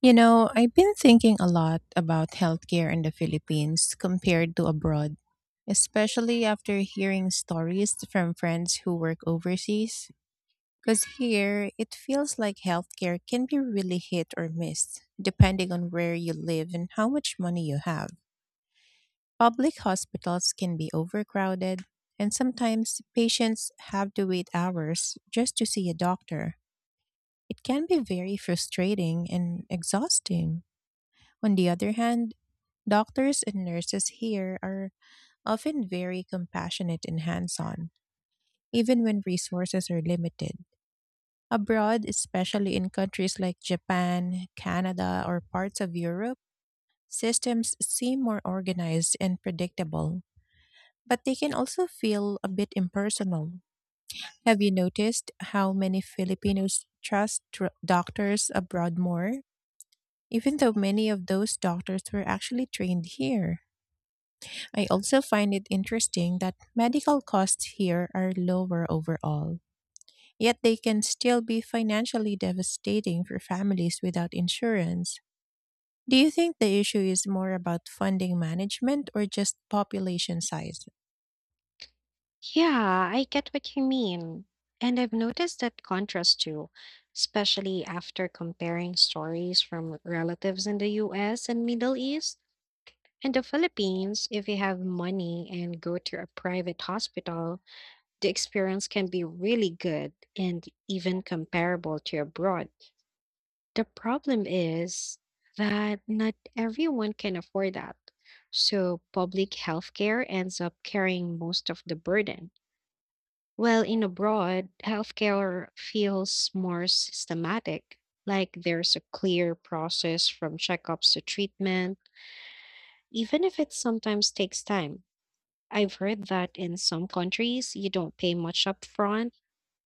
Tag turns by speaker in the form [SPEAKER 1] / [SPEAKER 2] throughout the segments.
[SPEAKER 1] You know, I've been thinking a lot about healthcare in the Philippines compared to abroad, especially after hearing stories from friends who work overseas. Because here, it feels like healthcare can be really hit or miss, depending on where you live and how much money you have. Public hospitals can be overcrowded, and sometimes patients have to wait hours just to see a doctor. It can be very frustrating and exhausting. On the other hand, doctors and nurses here are often very compassionate and hands on, even when resources are limited. Abroad, especially in countries like Japan, Canada, or parts of Europe, systems seem more organized and predictable, but they can also feel a bit impersonal. Have you noticed how many Filipinos trust doctors abroad more, even though many of those doctors were actually trained here? I also find it interesting that medical costs here are lower overall, yet they can still be financially devastating for families without insurance. Do you think the issue is more about funding management or just population size?
[SPEAKER 2] Yeah, I get what you mean. And I've noticed that contrast too, especially after comparing stories from relatives in the US and Middle East and the Philippines. If you have money and go to a private hospital, the experience can be really good and even comparable to abroad. The problem is that not everyone can afford that. So public healthcare ends up carrying most of the burden. Well, in abroad, healthcare feels more systematic, like there's a clear process from checkups to treatment, even if it sometimes takes time. I've heard that in some countries, you don't pay much upfront,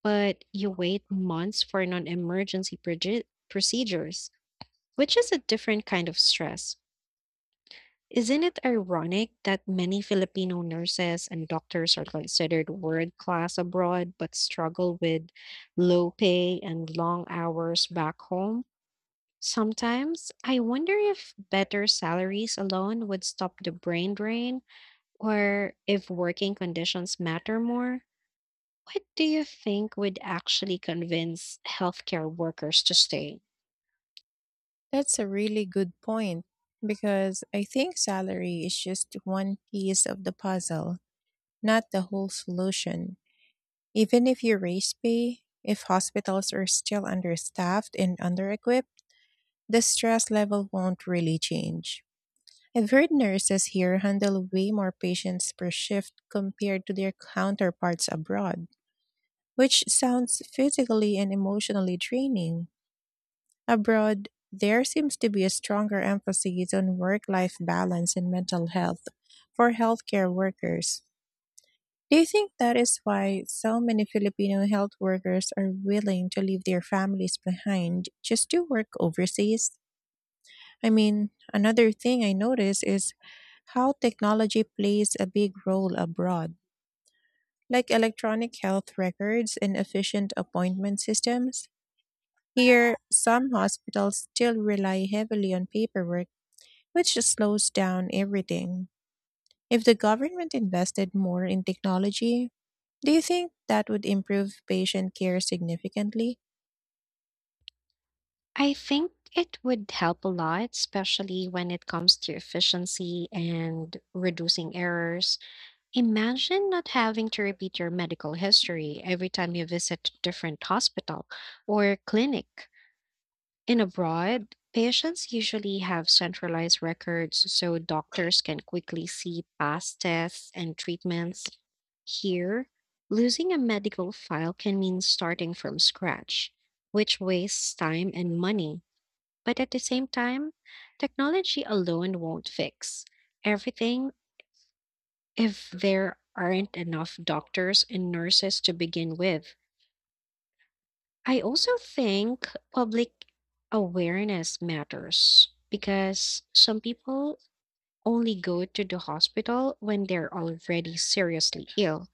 [SPEAKER 2] but you wait months for non emergency procedures, which is a different kind of stress. Isn't it ironic that many Filipino nurses and doctors are considered world class abroad but struggle with low pay and long hours back home? Sometimes I wonder if better salaries alone would stop the brain drain or if working conditions matter more. What do you think would actually convince healthcare workers to stay?
[SPEAKER 1] That's a really good point because I think salary is just one piece of the puzzle, not the whole solution. Even if you raise pay, if hospitals are still understaffed and under equipped, the stress level won't really change. I've heard nurses here handle way more patients per shift compared to their counterparts abroad, which sounds physically and emotionally draining. Abroad, there seems to be a stronger emphasis on work life balance and mental health for healthcare workers. Do you think that is why so many Filipino health workers are willing to leave their families behind just to work overseas? I mean, another thing I notice is how technology plays a big role abroad, like electronic health records and efficient appointment systems. Here, some hospitals still rely heavily on paperwork, which just slows down everything. If the government invested more in technology, do you think that would improve patient care significantly?
[SPEAKER 2] I think it would help a lot, especially when it comes to efficiency and reducing errors. Imagine not having to repeat your medical history every time you visit a different hospital or clinic. In abroad, patients usually have centralized records so doctors can quickly see past tests and treatments. Here, losing a medical file can mean starting from scratch, which wastes time and money. But at the same time, technology alone won't fix everything if there aren't enough doctors and nurses to begin with. I also think public awareness matters because some people only go to the hospital when they're already seriously ill.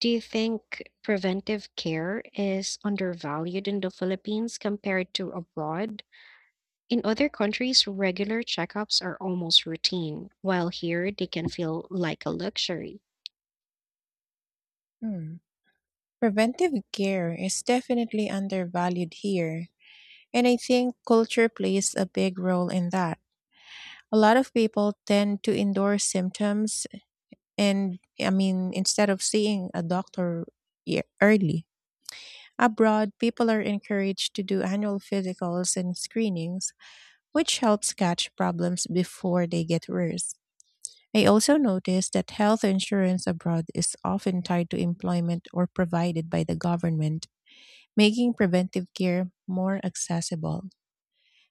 [SPEAKER 2] Do you think preventive care is undervalued in the Philippines compared to abroad? In other countries, regular checkups are almost routine, while here they can feel like a luxury.
[SPEAKER 1] Hmm. Preventive care is definitely undervalued here. And I think culture plays a big role in that. A lot of people tend to endorse symptoms, and I mean, instead of seeing a doctor early. Abroad, people are encouraged to do annual physicals and screenings, which helps catch problems before they get worse. I also noticed that health insurance abroad is often tied to employment or provided by the government, making preventive care more accessible.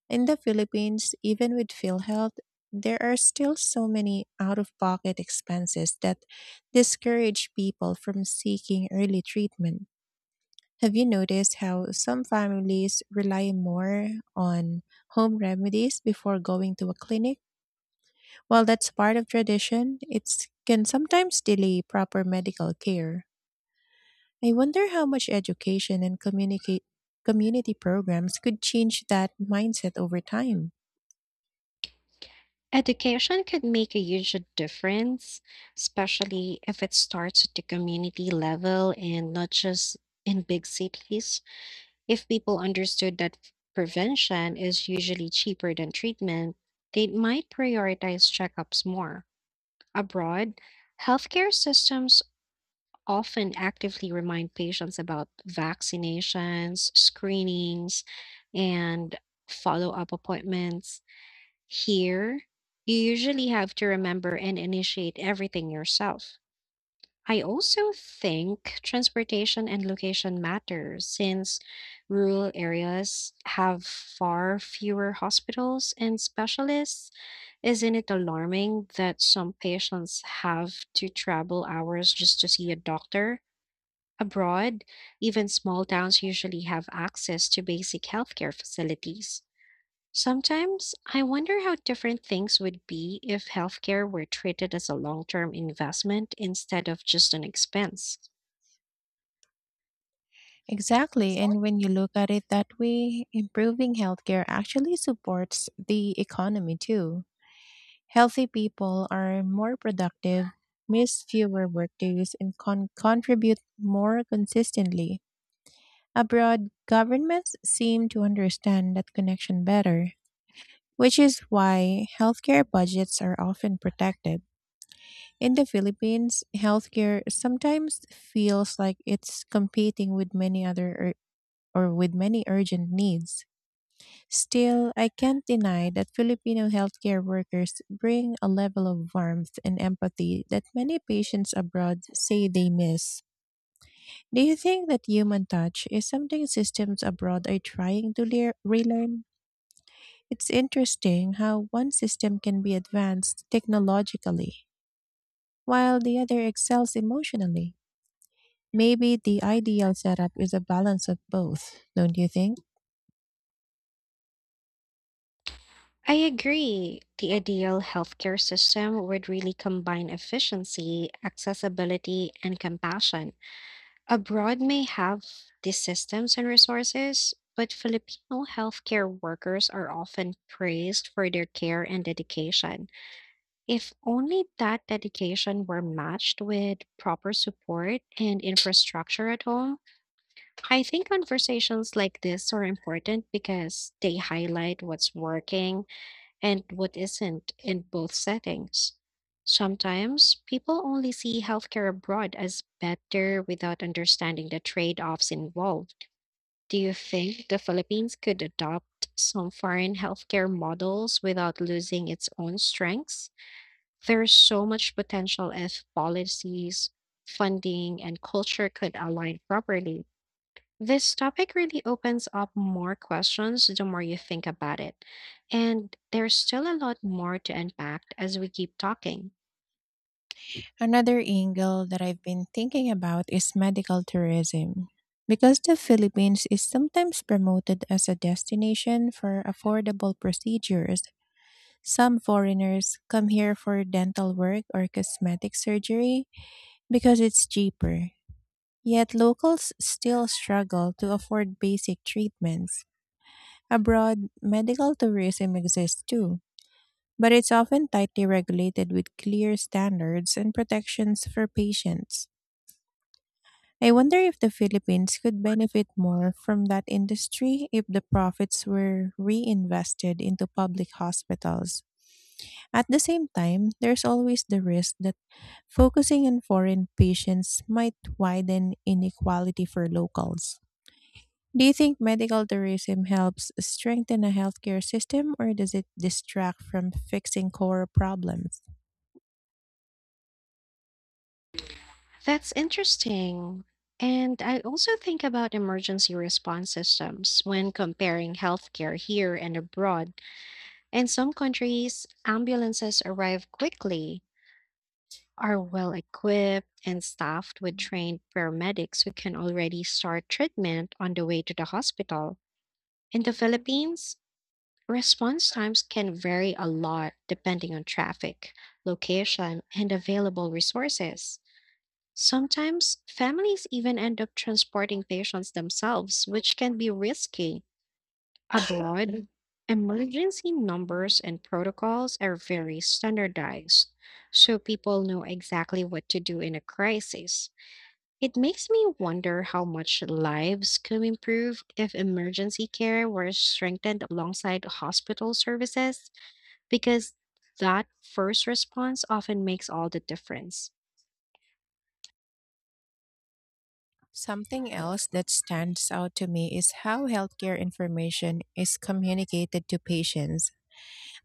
[SPEAKER 1] In the Philippines, even with PhilHealth, there are still so many out of pocket expenses that discourage people from seeking early treatment. Have you noticed how some families rely more on home remedies before going to a clinic? While that's part of tradition, it can sometimes delay proper medical care. I wonder how much education and communicate community programs could change that mindset over time.
[SPEAKER 2] Education could make a huge difference, especially if it starts at the community level and not just in big cities. If people understood that prevention is usually cheaper than treatment, they might prioritize checkups more. Abroad, healthcare systems often actively remind patients about vaccinations, screenings, and follow up appointments. Here, you usually have to remember and initiate everything yourself. I also think transportation and location matter since rural areas have far fewer hospitals and specialists. Isn't it alarming that some patients have to travel hours just to see a doctor? Abroad, even small towns usually have access to basic healthcare facilities. Sometimes I wonder how different things would be if healthcare were treated as a long term investment instead of just an expense.
[SPEAKER 1] Exactly. And when you look at it that way, improving healthcare actually supports the economy too. Healthy people are more productive, miss fewer workdays, and contribute more consistently. Abroad, governments seem to understand that connection better, which is why healthcare budgets are often protected. In the Philippines, healthcare sometimes feels like it's competing with many other or with many urgent needs. Still, I can't deny that Filipino healthcare workers bring a level of warmth and empathy that many patients abroad say they miss. Do you think that human touch is something systems abroad are trying to relearn? It's interesting how one system can be advanced technologically while the other excels emotionally. Maybe the ideal setup is a balance of both, don't you think?
[SPEAKER 2] I agree. The ideal healthcare system would really combine efficiency, accessibility, and compassion. Abroad may have these systems and resources, but Filipino healthcare workers are often praised for their care and dedication. If only that dedication were matched with proper support and infrastructure at home. I think conversations like this are important because they highlight what's working and what isn't in both settings. Sometimes people only see healthcare abroad as better without understanding the trade offs involved. Do you think the Philippines could adopt some foreign healthcare models without losing its own strengths? There's so much potential if policies, funding, and culture could align properly. This topic really opens up more questions the more you think about it. And there's still a lot more to unpack as we keep talking.
[SPEAKER 1] Another angle that I've been thinking about is medical tourism. Because the Philippines is sometimes promoted as a destination for affordable procedures, some foreigners come here for dental work or cosmetic surgery because it's cheaper. Yet locals still struggle to afford basic treatments. Abroad, medical tourism exists too, but it's often tightly regulated with clear standards and protections for patients. I wonder if the Philippines could benefit more from that industry if the profits were reinvested into public hospitals. At the same time, there's always the risk that focusing on foreign patients might widen inequality for locals. Do you think medical tourism helps strengthen a healthcare system, or does it distract from fixing core problems?
[SPEAKER 2] That's interesting. And I also think about emergency response systems when comparing healthcare here and abroad. In some countries, ambulances arrive quickly, are well equipped, and staffed with trained paramedics who can already start treatment on the way to the hospital. In the Philippines, response times can vary a lot depending on traffic, location, and available resources. Sometimes families even end up transporting patients themselves, which can be risky. Abroad, emergency numbers and protocols are very standardized, so people know exactly what to do in a crisis. It makes me wonder how much lives could improve if emergency care were strengthened alongside hospital services, because that first response often makes all the difference.
[SPEAKER 1] Something else that stands out to me is how healthcare information is communicated to patients.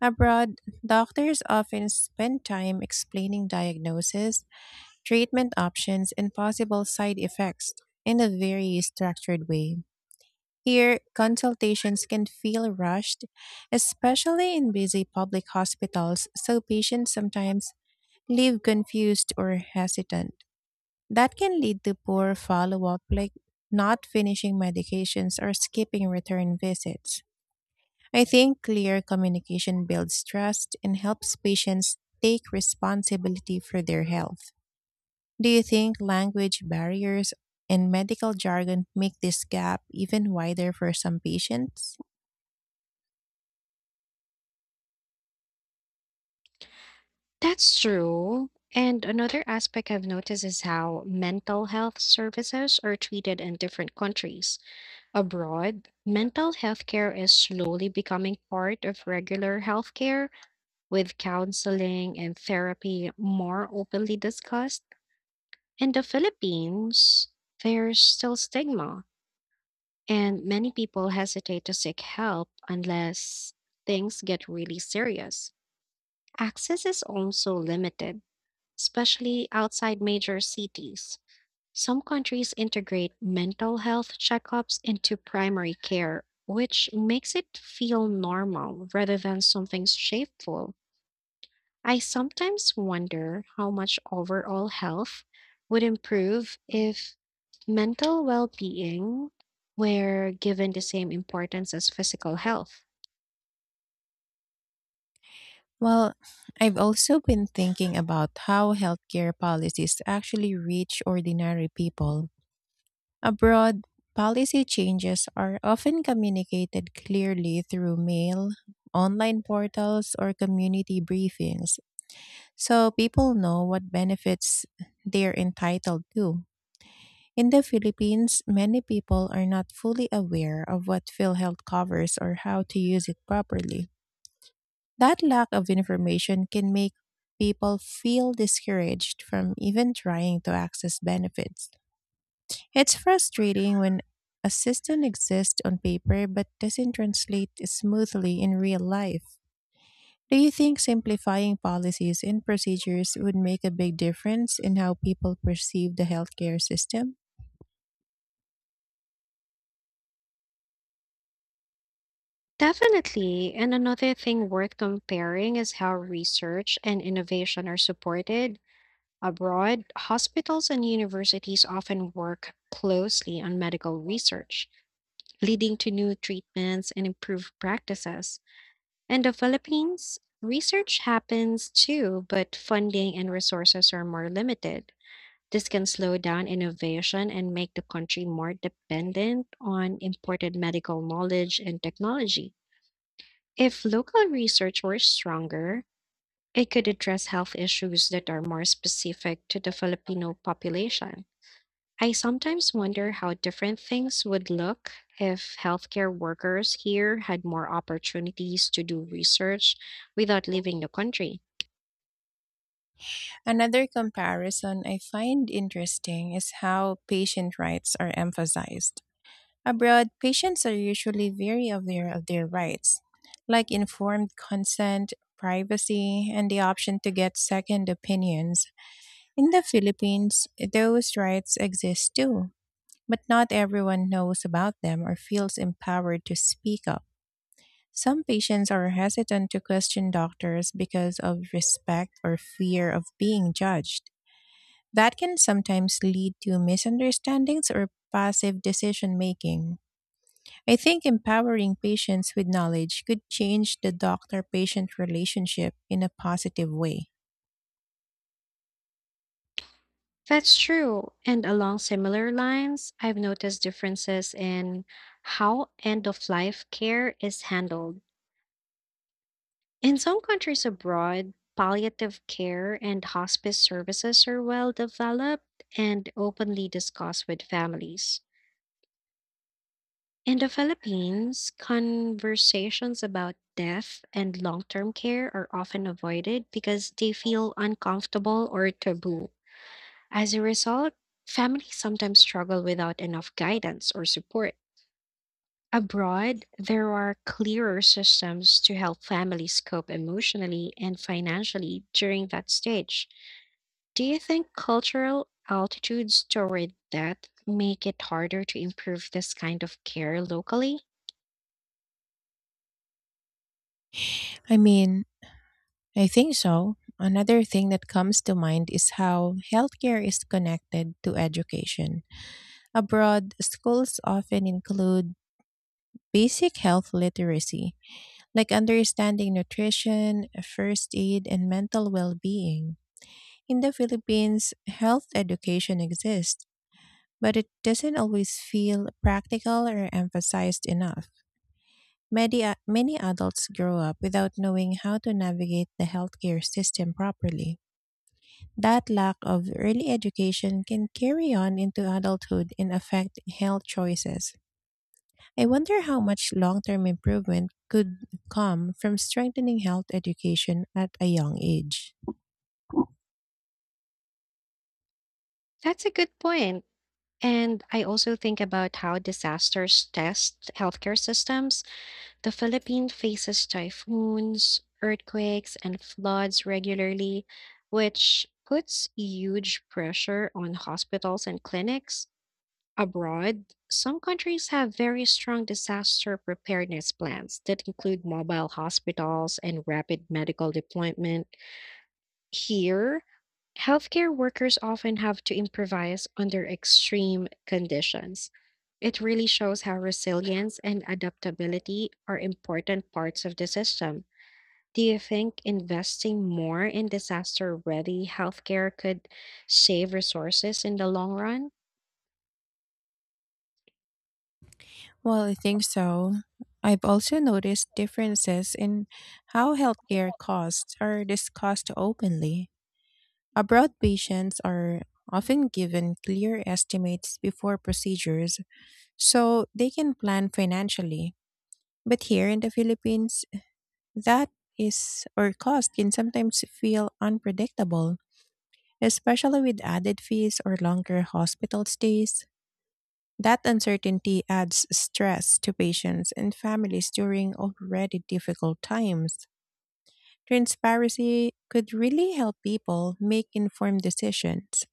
[SPEAKER 1] Abroad, doctors often spend time explaining diagnosis, treatment options, and possible side effects in a very structured way. Here, consultations can feel rushed, especially in busy public hospitals, so patients sometimes leave confused or hesitant. That can lead to poor follow up, like not finishing medications or skipping return visits. I think clear communication builds trust and helps patients take responsibility for their health. Do you think language barriers and medical jargon make this gap even wider for some patients?
[SPEAKER 2] That's true. And another aspect I've noticed is how mental health services are treated in different countries. Abroad, mental health care is slowly becoming part of regular health care, with counseling and therapy more openly discussed. In the Philippines, there's still stigma, and many people hesitate to seek help unless things get really serious. Access is also limited, especially outside major cities. Some countries integrate mental health checkups into primary care, which makes it feel normal rather than something shameful. I sometimes wonder how much overall health would improve if mental well being were given the same importance as physical health.
[SPEAKER 1] Well, I've also been thinking about how healthcare policies actually reach ordinary people. Abroad, policy changes are often communicated clearly through mail, online portals, or community briefings, so people know what benefits they're entitled to. In the Philippines, many people are not fully aware of what PhilHealth covers or how to use it properly. That lack of information can make people feel discouraged from even trying to access benefits. It's frustrating when a system exists on paper but doesn't translate smoothly in real life. Do you think simplifying policies and procedures would make a big difference in how people perceive the healthcare system?
[SPEAKER 2] Definitely. And another thing worth comparing is how research and innovation are supported. Abroad, hospitals and universities often work closely on medical research, leading to new treatments and improved practices. In the Philippines, research happens too, but funding and resources are more limited. This can slow down innovation and make the country more dependent on imported medical knowledge and technology. If local research were stronger, it could address health issues that are more specific to the Filipino population. I sometimes wonder how different things would look if healthcare workers here had more opportunities to do research without leaving the country.
[SPEAKER 1] Another comparison I find interesting is how patient rights are emphasized. Abroad, patients are usually very aware of their rights, like informed consent, privacy, and the option to get second opinions. In the Philippines, those rights exist too, but not everyone knows about them or feels empowered to speak up. Some patients are hesitant to question doctors because of respect or fear of being judged. That can sometimes lead to misunderstandings or passive decision making. I think empowering patients with knowledge could change the doctor patient relationship in a positive way.
[SPEAKER 2] That's true. And along similar lines, I've noticed differences in how end of life care is handled. In some countries abroad, palliative care and hospice services are well developed and openly discussed with families. In the Philippines, conversations about death and long term care are often avoided because they feel uncomfortable or taboo. As a result, families sometimes struggle without enough guidance or support. Abroad, there are clearer systems to help families cope emotionally and financially during that stage. Do you think cultural altitudes toward death make it harder to improve this kind of care locally?
[SPEAKER 1] I mean, I think so. Another thing that comes to mind is how healthcare is connected to education. Abroad, schools often include basic health literacy, like understanding nutrition, first aid, and mental well being. In the Philippines, health education exists, but it doesn't always feel practical or emphasized enough. Many, many adults grow up without knowing how to navigate the healthcare system properly. That lack of early education can carry on into adulthood and affect health choices. I wonder how much long term improvement could come from strengthening health education at a young age.
[SPEAKER 2] That's a good point. And I also think about how disasters test healthcare systems. The Philippines faces typhoons, earthquakes, and floods regularly, which puts huge pressure on hospitals and clinics. Abroad, some countries have very strong disaster preparedness plans that include mobile hospitals and rapid medical deployment. Here, healthcare workers often have to improvise under extreme conditions. It really shows how resilience and adaptability are important parts of the system. Do you think investing more in disaster ready healthcare could save resources in the long run?
[SPEAKER 1] Well, I think so. I've also noticed differences in how healthcare costs are discussed openly. Abroad, patients are often given clear estimates before procedures so they can plan financially. But here in the Philippines, That is, or cost can sometimes feel unpredictable, especially with added fees or longer hospital stays. That uncertainty adds stress to patients and families during already difficult times. Transparency could really help people make informed decisions.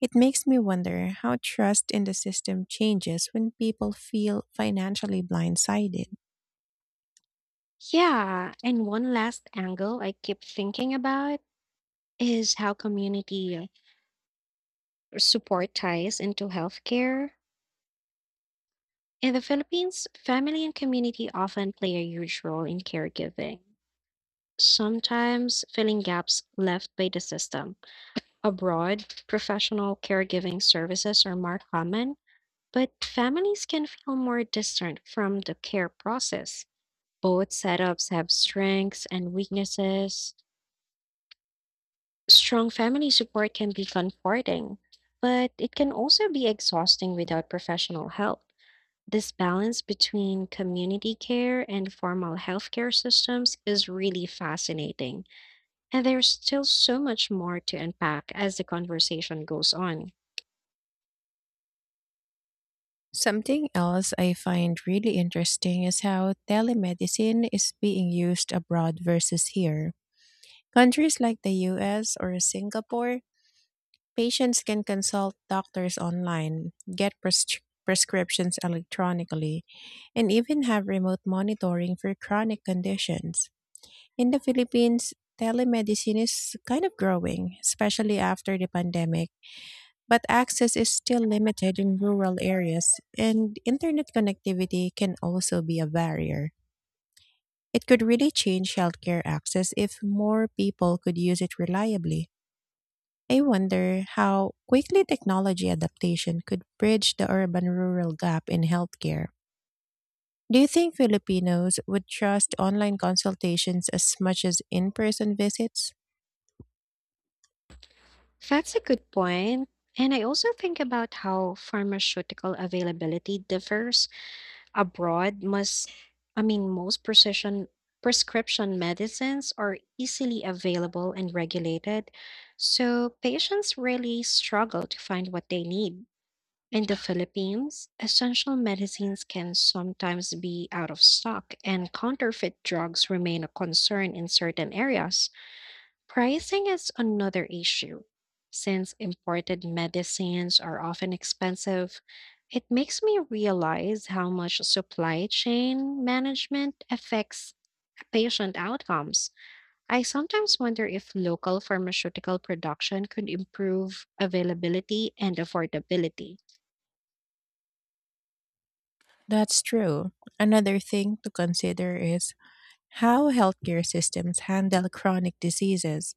[SPEAKER 1] It makes me wonder how trust in the system changes when people feel financially blindsided.
[SPEAKER 2] Yeah, and one last angle I keep thinking about is how community support ties into healthcare. In the Philippines, family and community often play a huge role in caregiving, sometimes filling gaps left by the system. Abroad, professional caregiving services are more common, but families can feel more distant from the care process. Both setups have strengths and weaknesses. Strong family support can be comforting, but it can also be exhausting without professional help. This balance between community care and formal healthcare systems is really fascinating, and there's still so much more to unpack as the conversation goes on.
[SPEAKER 1] Something else I find really interesting is how telemedicine is being used abroad versus here. Countries like the US or Singapore, patients can consult doctors online, get prescriptions electronically, and even have remote monitoring for chronic conditions. In the Philippines, telemedicine is kind of growing, especially after the pandemic, but access is still limited in rural areas, and internet connectivity can also be a barrier. It could really change healthcare access if more people could use it reliably. I wonder how quickly technology adaptation could bridge the urban rural gap in healthcare. Do you think Filipinos would trust online consultations as much as in person visits?
[SPEAKER 2] That's a good point. And I also think about how pharmaceutical availability differs abroad. I mean, most precision prescription medicines are easily available and regulated, so patients really struggle to find what they need. In the Philippines, essential medicines can sometimes be out of stock, and counterfeit drugs remain a concern in certain areas. Pricing is another issue. Since imported medicines are often expensive, it makes me realize how much supply chain management affects patient outcomes. I sometimes wonder if local pharmaceutical production could improve availability and affordability.
[SPEAKER 1] That's true. Another thing to consider is how healthcare systems handle chronic diseases.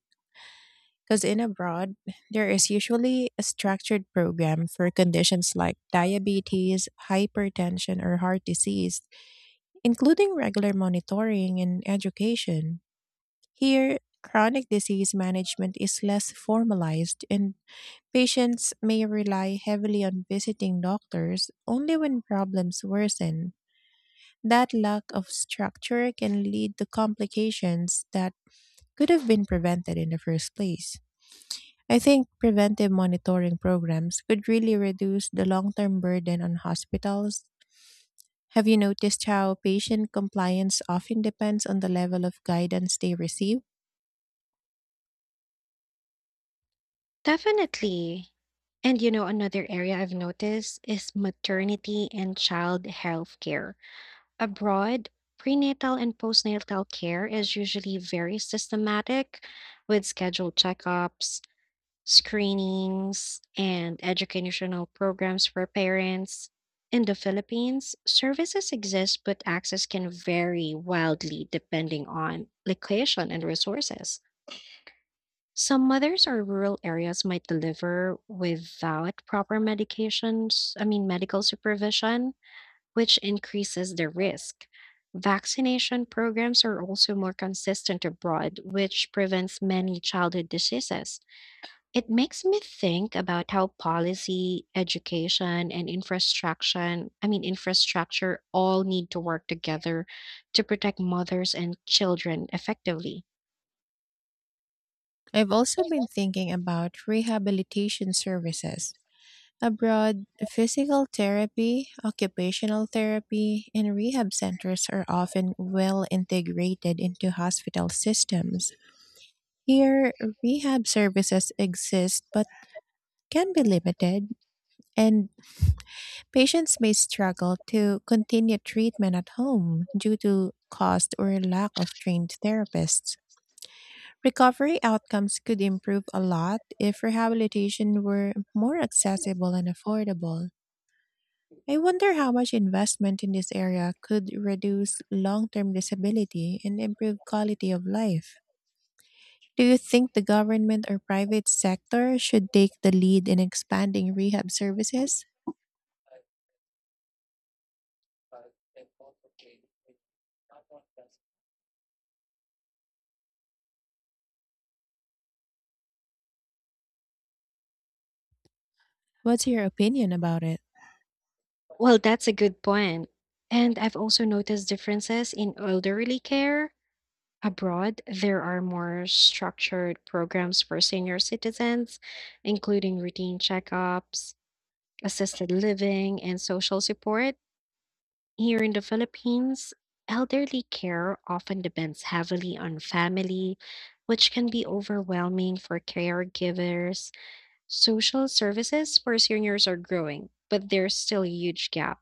[SPEAKER 1] Because in abroad, there is usually a structured program for conditions like diabetes, hypertension, or heart disease, including regular monitoring and education. Here, chronic disease management is less formalized, and patients may rely heavily on visiting doctors only when problems worsen. That lack of structure can lead to complications that could have been prevented in the first place. I think preventive monitoring programs could really reduce the long term burden on hospitals. Have you noticed how patient compliance often depends on the level of guidance they receive?
[SPEAKER 2] Definitely. And you know, another area I've noticed is maternity and child health care. Abroad, prenatal and postnatal care is usually very systematic with scheduled checkups, screenings, and educational programs for parents. In the Philippines, services exist, but access can vary wildly depending on location and resources. Some mothers or rural areas might deliver without proper I mean, medical supervision, which increases the risk. Vaccination programs are also more consistent abroad, which prevents many childhood diseases. It makes me think about how policy, education, and I mean, infrastructure all need to work together to protect mothers and children effectively.
[SPEAKER 1] I've also been thinking about rehabilitation services. Abroad, physical therapy, occupational therapy, and rehab centers are often well integrated into hospital systems. Here, rehab services exist, but can be limited, and patients may struggle to continue treatment at home due to cost or lack of trained therapists. Recovery outcomes could improve a lot if rehabilitation were more accessible and affordable. I wonder how much investment in this area could reduce long term disability and improve quality of life. Do you think the government or private sector should take the lead in expanding rehab services? What's your opinion about it?
[SPEAKER 2] Well, that's a good point. And I've also noticed differences in elderly care. Abroad, there are more structured programs for senior citizens, including routine checkups, assisted living, and social support. Here in the Philippines, elderly care often depends heavily on family, which can be overwhelming for caregivers. Social services for seniors are growing, but there's still a huge gap.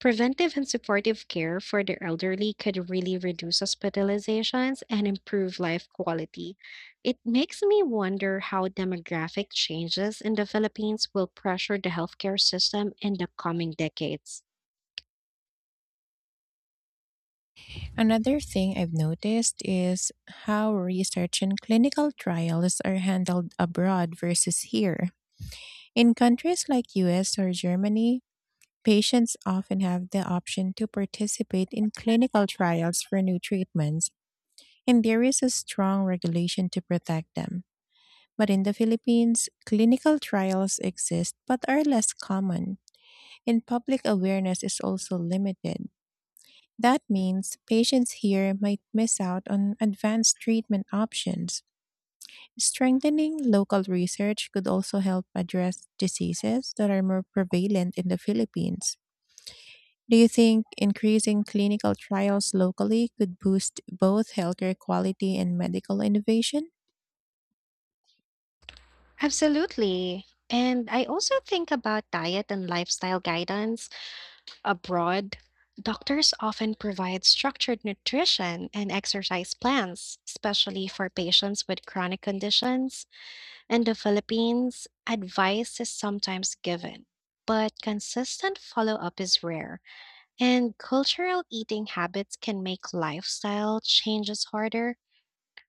[SPEAKER 2] Preventive and supportive care for the elderly could really reduce hospitalizations and improve life quality. It makes me wonder how demographic changes in the Philippines will pressure the healthcare system in the coming decades.
[SPEAKER 1] Another thing I've noticed is how research and clinical trials are handled abroad versus here. In countries like US or Germany, patients often have the option to participate in clinical trials for new treatments, and there is a strong regulation to protect them. But in the Philippines, clinical trials exist but are less common, and public awareness is also limited. That means patients here might miss out on advanced treatment options. Strengthening local research could also help address diseases that are more prevalent in the Philippines. Do you think increasing clinical trials locally could boost both healthcare quality and medical innovation?
[SPEAKER 2] Absolutely. And I also think about diet and lifestyle guidance abroad. Doctors often provide structured nutrition and exercise plans, especially for patients with chronic conditions. In the Philippines, advice is sometimes given, but consistent follow up is rare, and cultural eating habits can make lifestyle changes harder.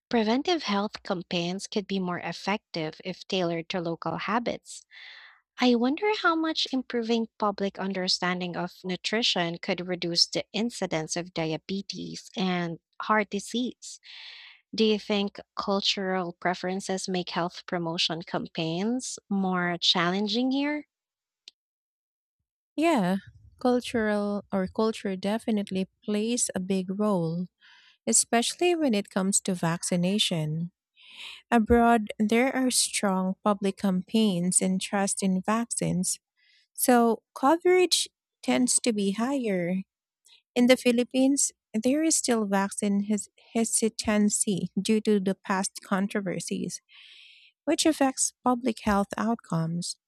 [SPEAKER 2] Preventive health campaigns could be more effective if tailored to local habits. I wonder how much improving public understanding of nutrition could reduce the incidence of diabetes and heart disease. Do you think cultural preferences make health promotion campaigns more challenging here?
[SPEAKER 1] Yeah, cultural or culture definitely plays a big role, especially when it comes to vaccination. Abroad, there are strong public campaigns and trust in vaccines, so coverage tends to be higher. In the Philippines, there is still vaccine hesitancy due to the past controversies, which affects public health outcomes.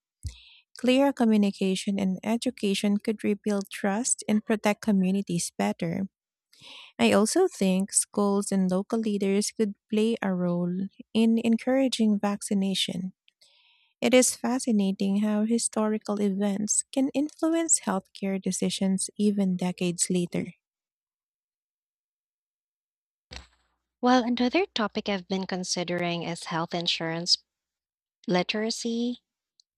[SPEAKER 1] Clear communication and education could rebuild trust and protect communities better. I also think schools and local leaders could play a role in encouraging vaccination. It is fascinating how historical events can influence healthcare decisions even decades later.
[SPEAKER 2] Well, another topic I've been considering is health insurance literacy.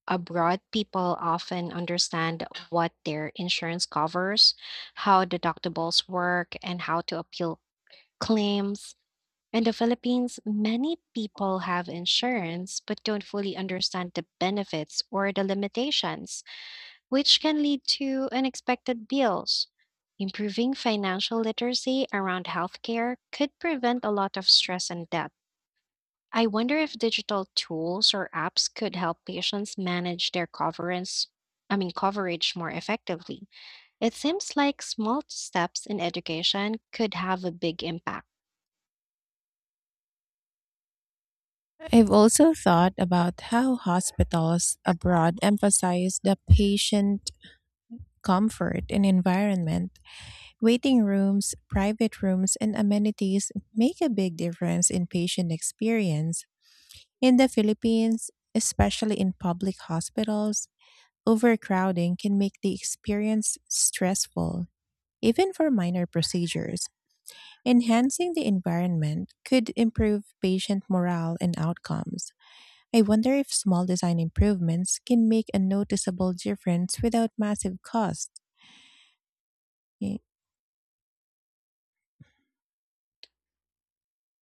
[SPEAKER 2] Abroad, people often understand what their insurance covers, how deductibles work, and how to appeal claims. In the Philippines, many people have insurance but don't fully understand the benefits or the limitations, which can lead to unexpected bills. Improving financial literacy around healthcare could prevent a lot of stress and debt. I wonder if digital tools or apps could help patients manage their coverage, I mean coverage more effectively. It seems like small steps in education could have a big impact.
[SPEAKER 1] I've also thought about how hospitals abroad emphasize the patient comfort and environment. Waiting rooms, private rooms, and amenities make a big difference in patient experience. In the Philippines, especially in public hospitals, overcrowding can make the experience stressful, even for minor procedures. Enhancing the environment could improve patient morale and outcomes. I wonder if small design improvements can make a noticeable difference without massive costs.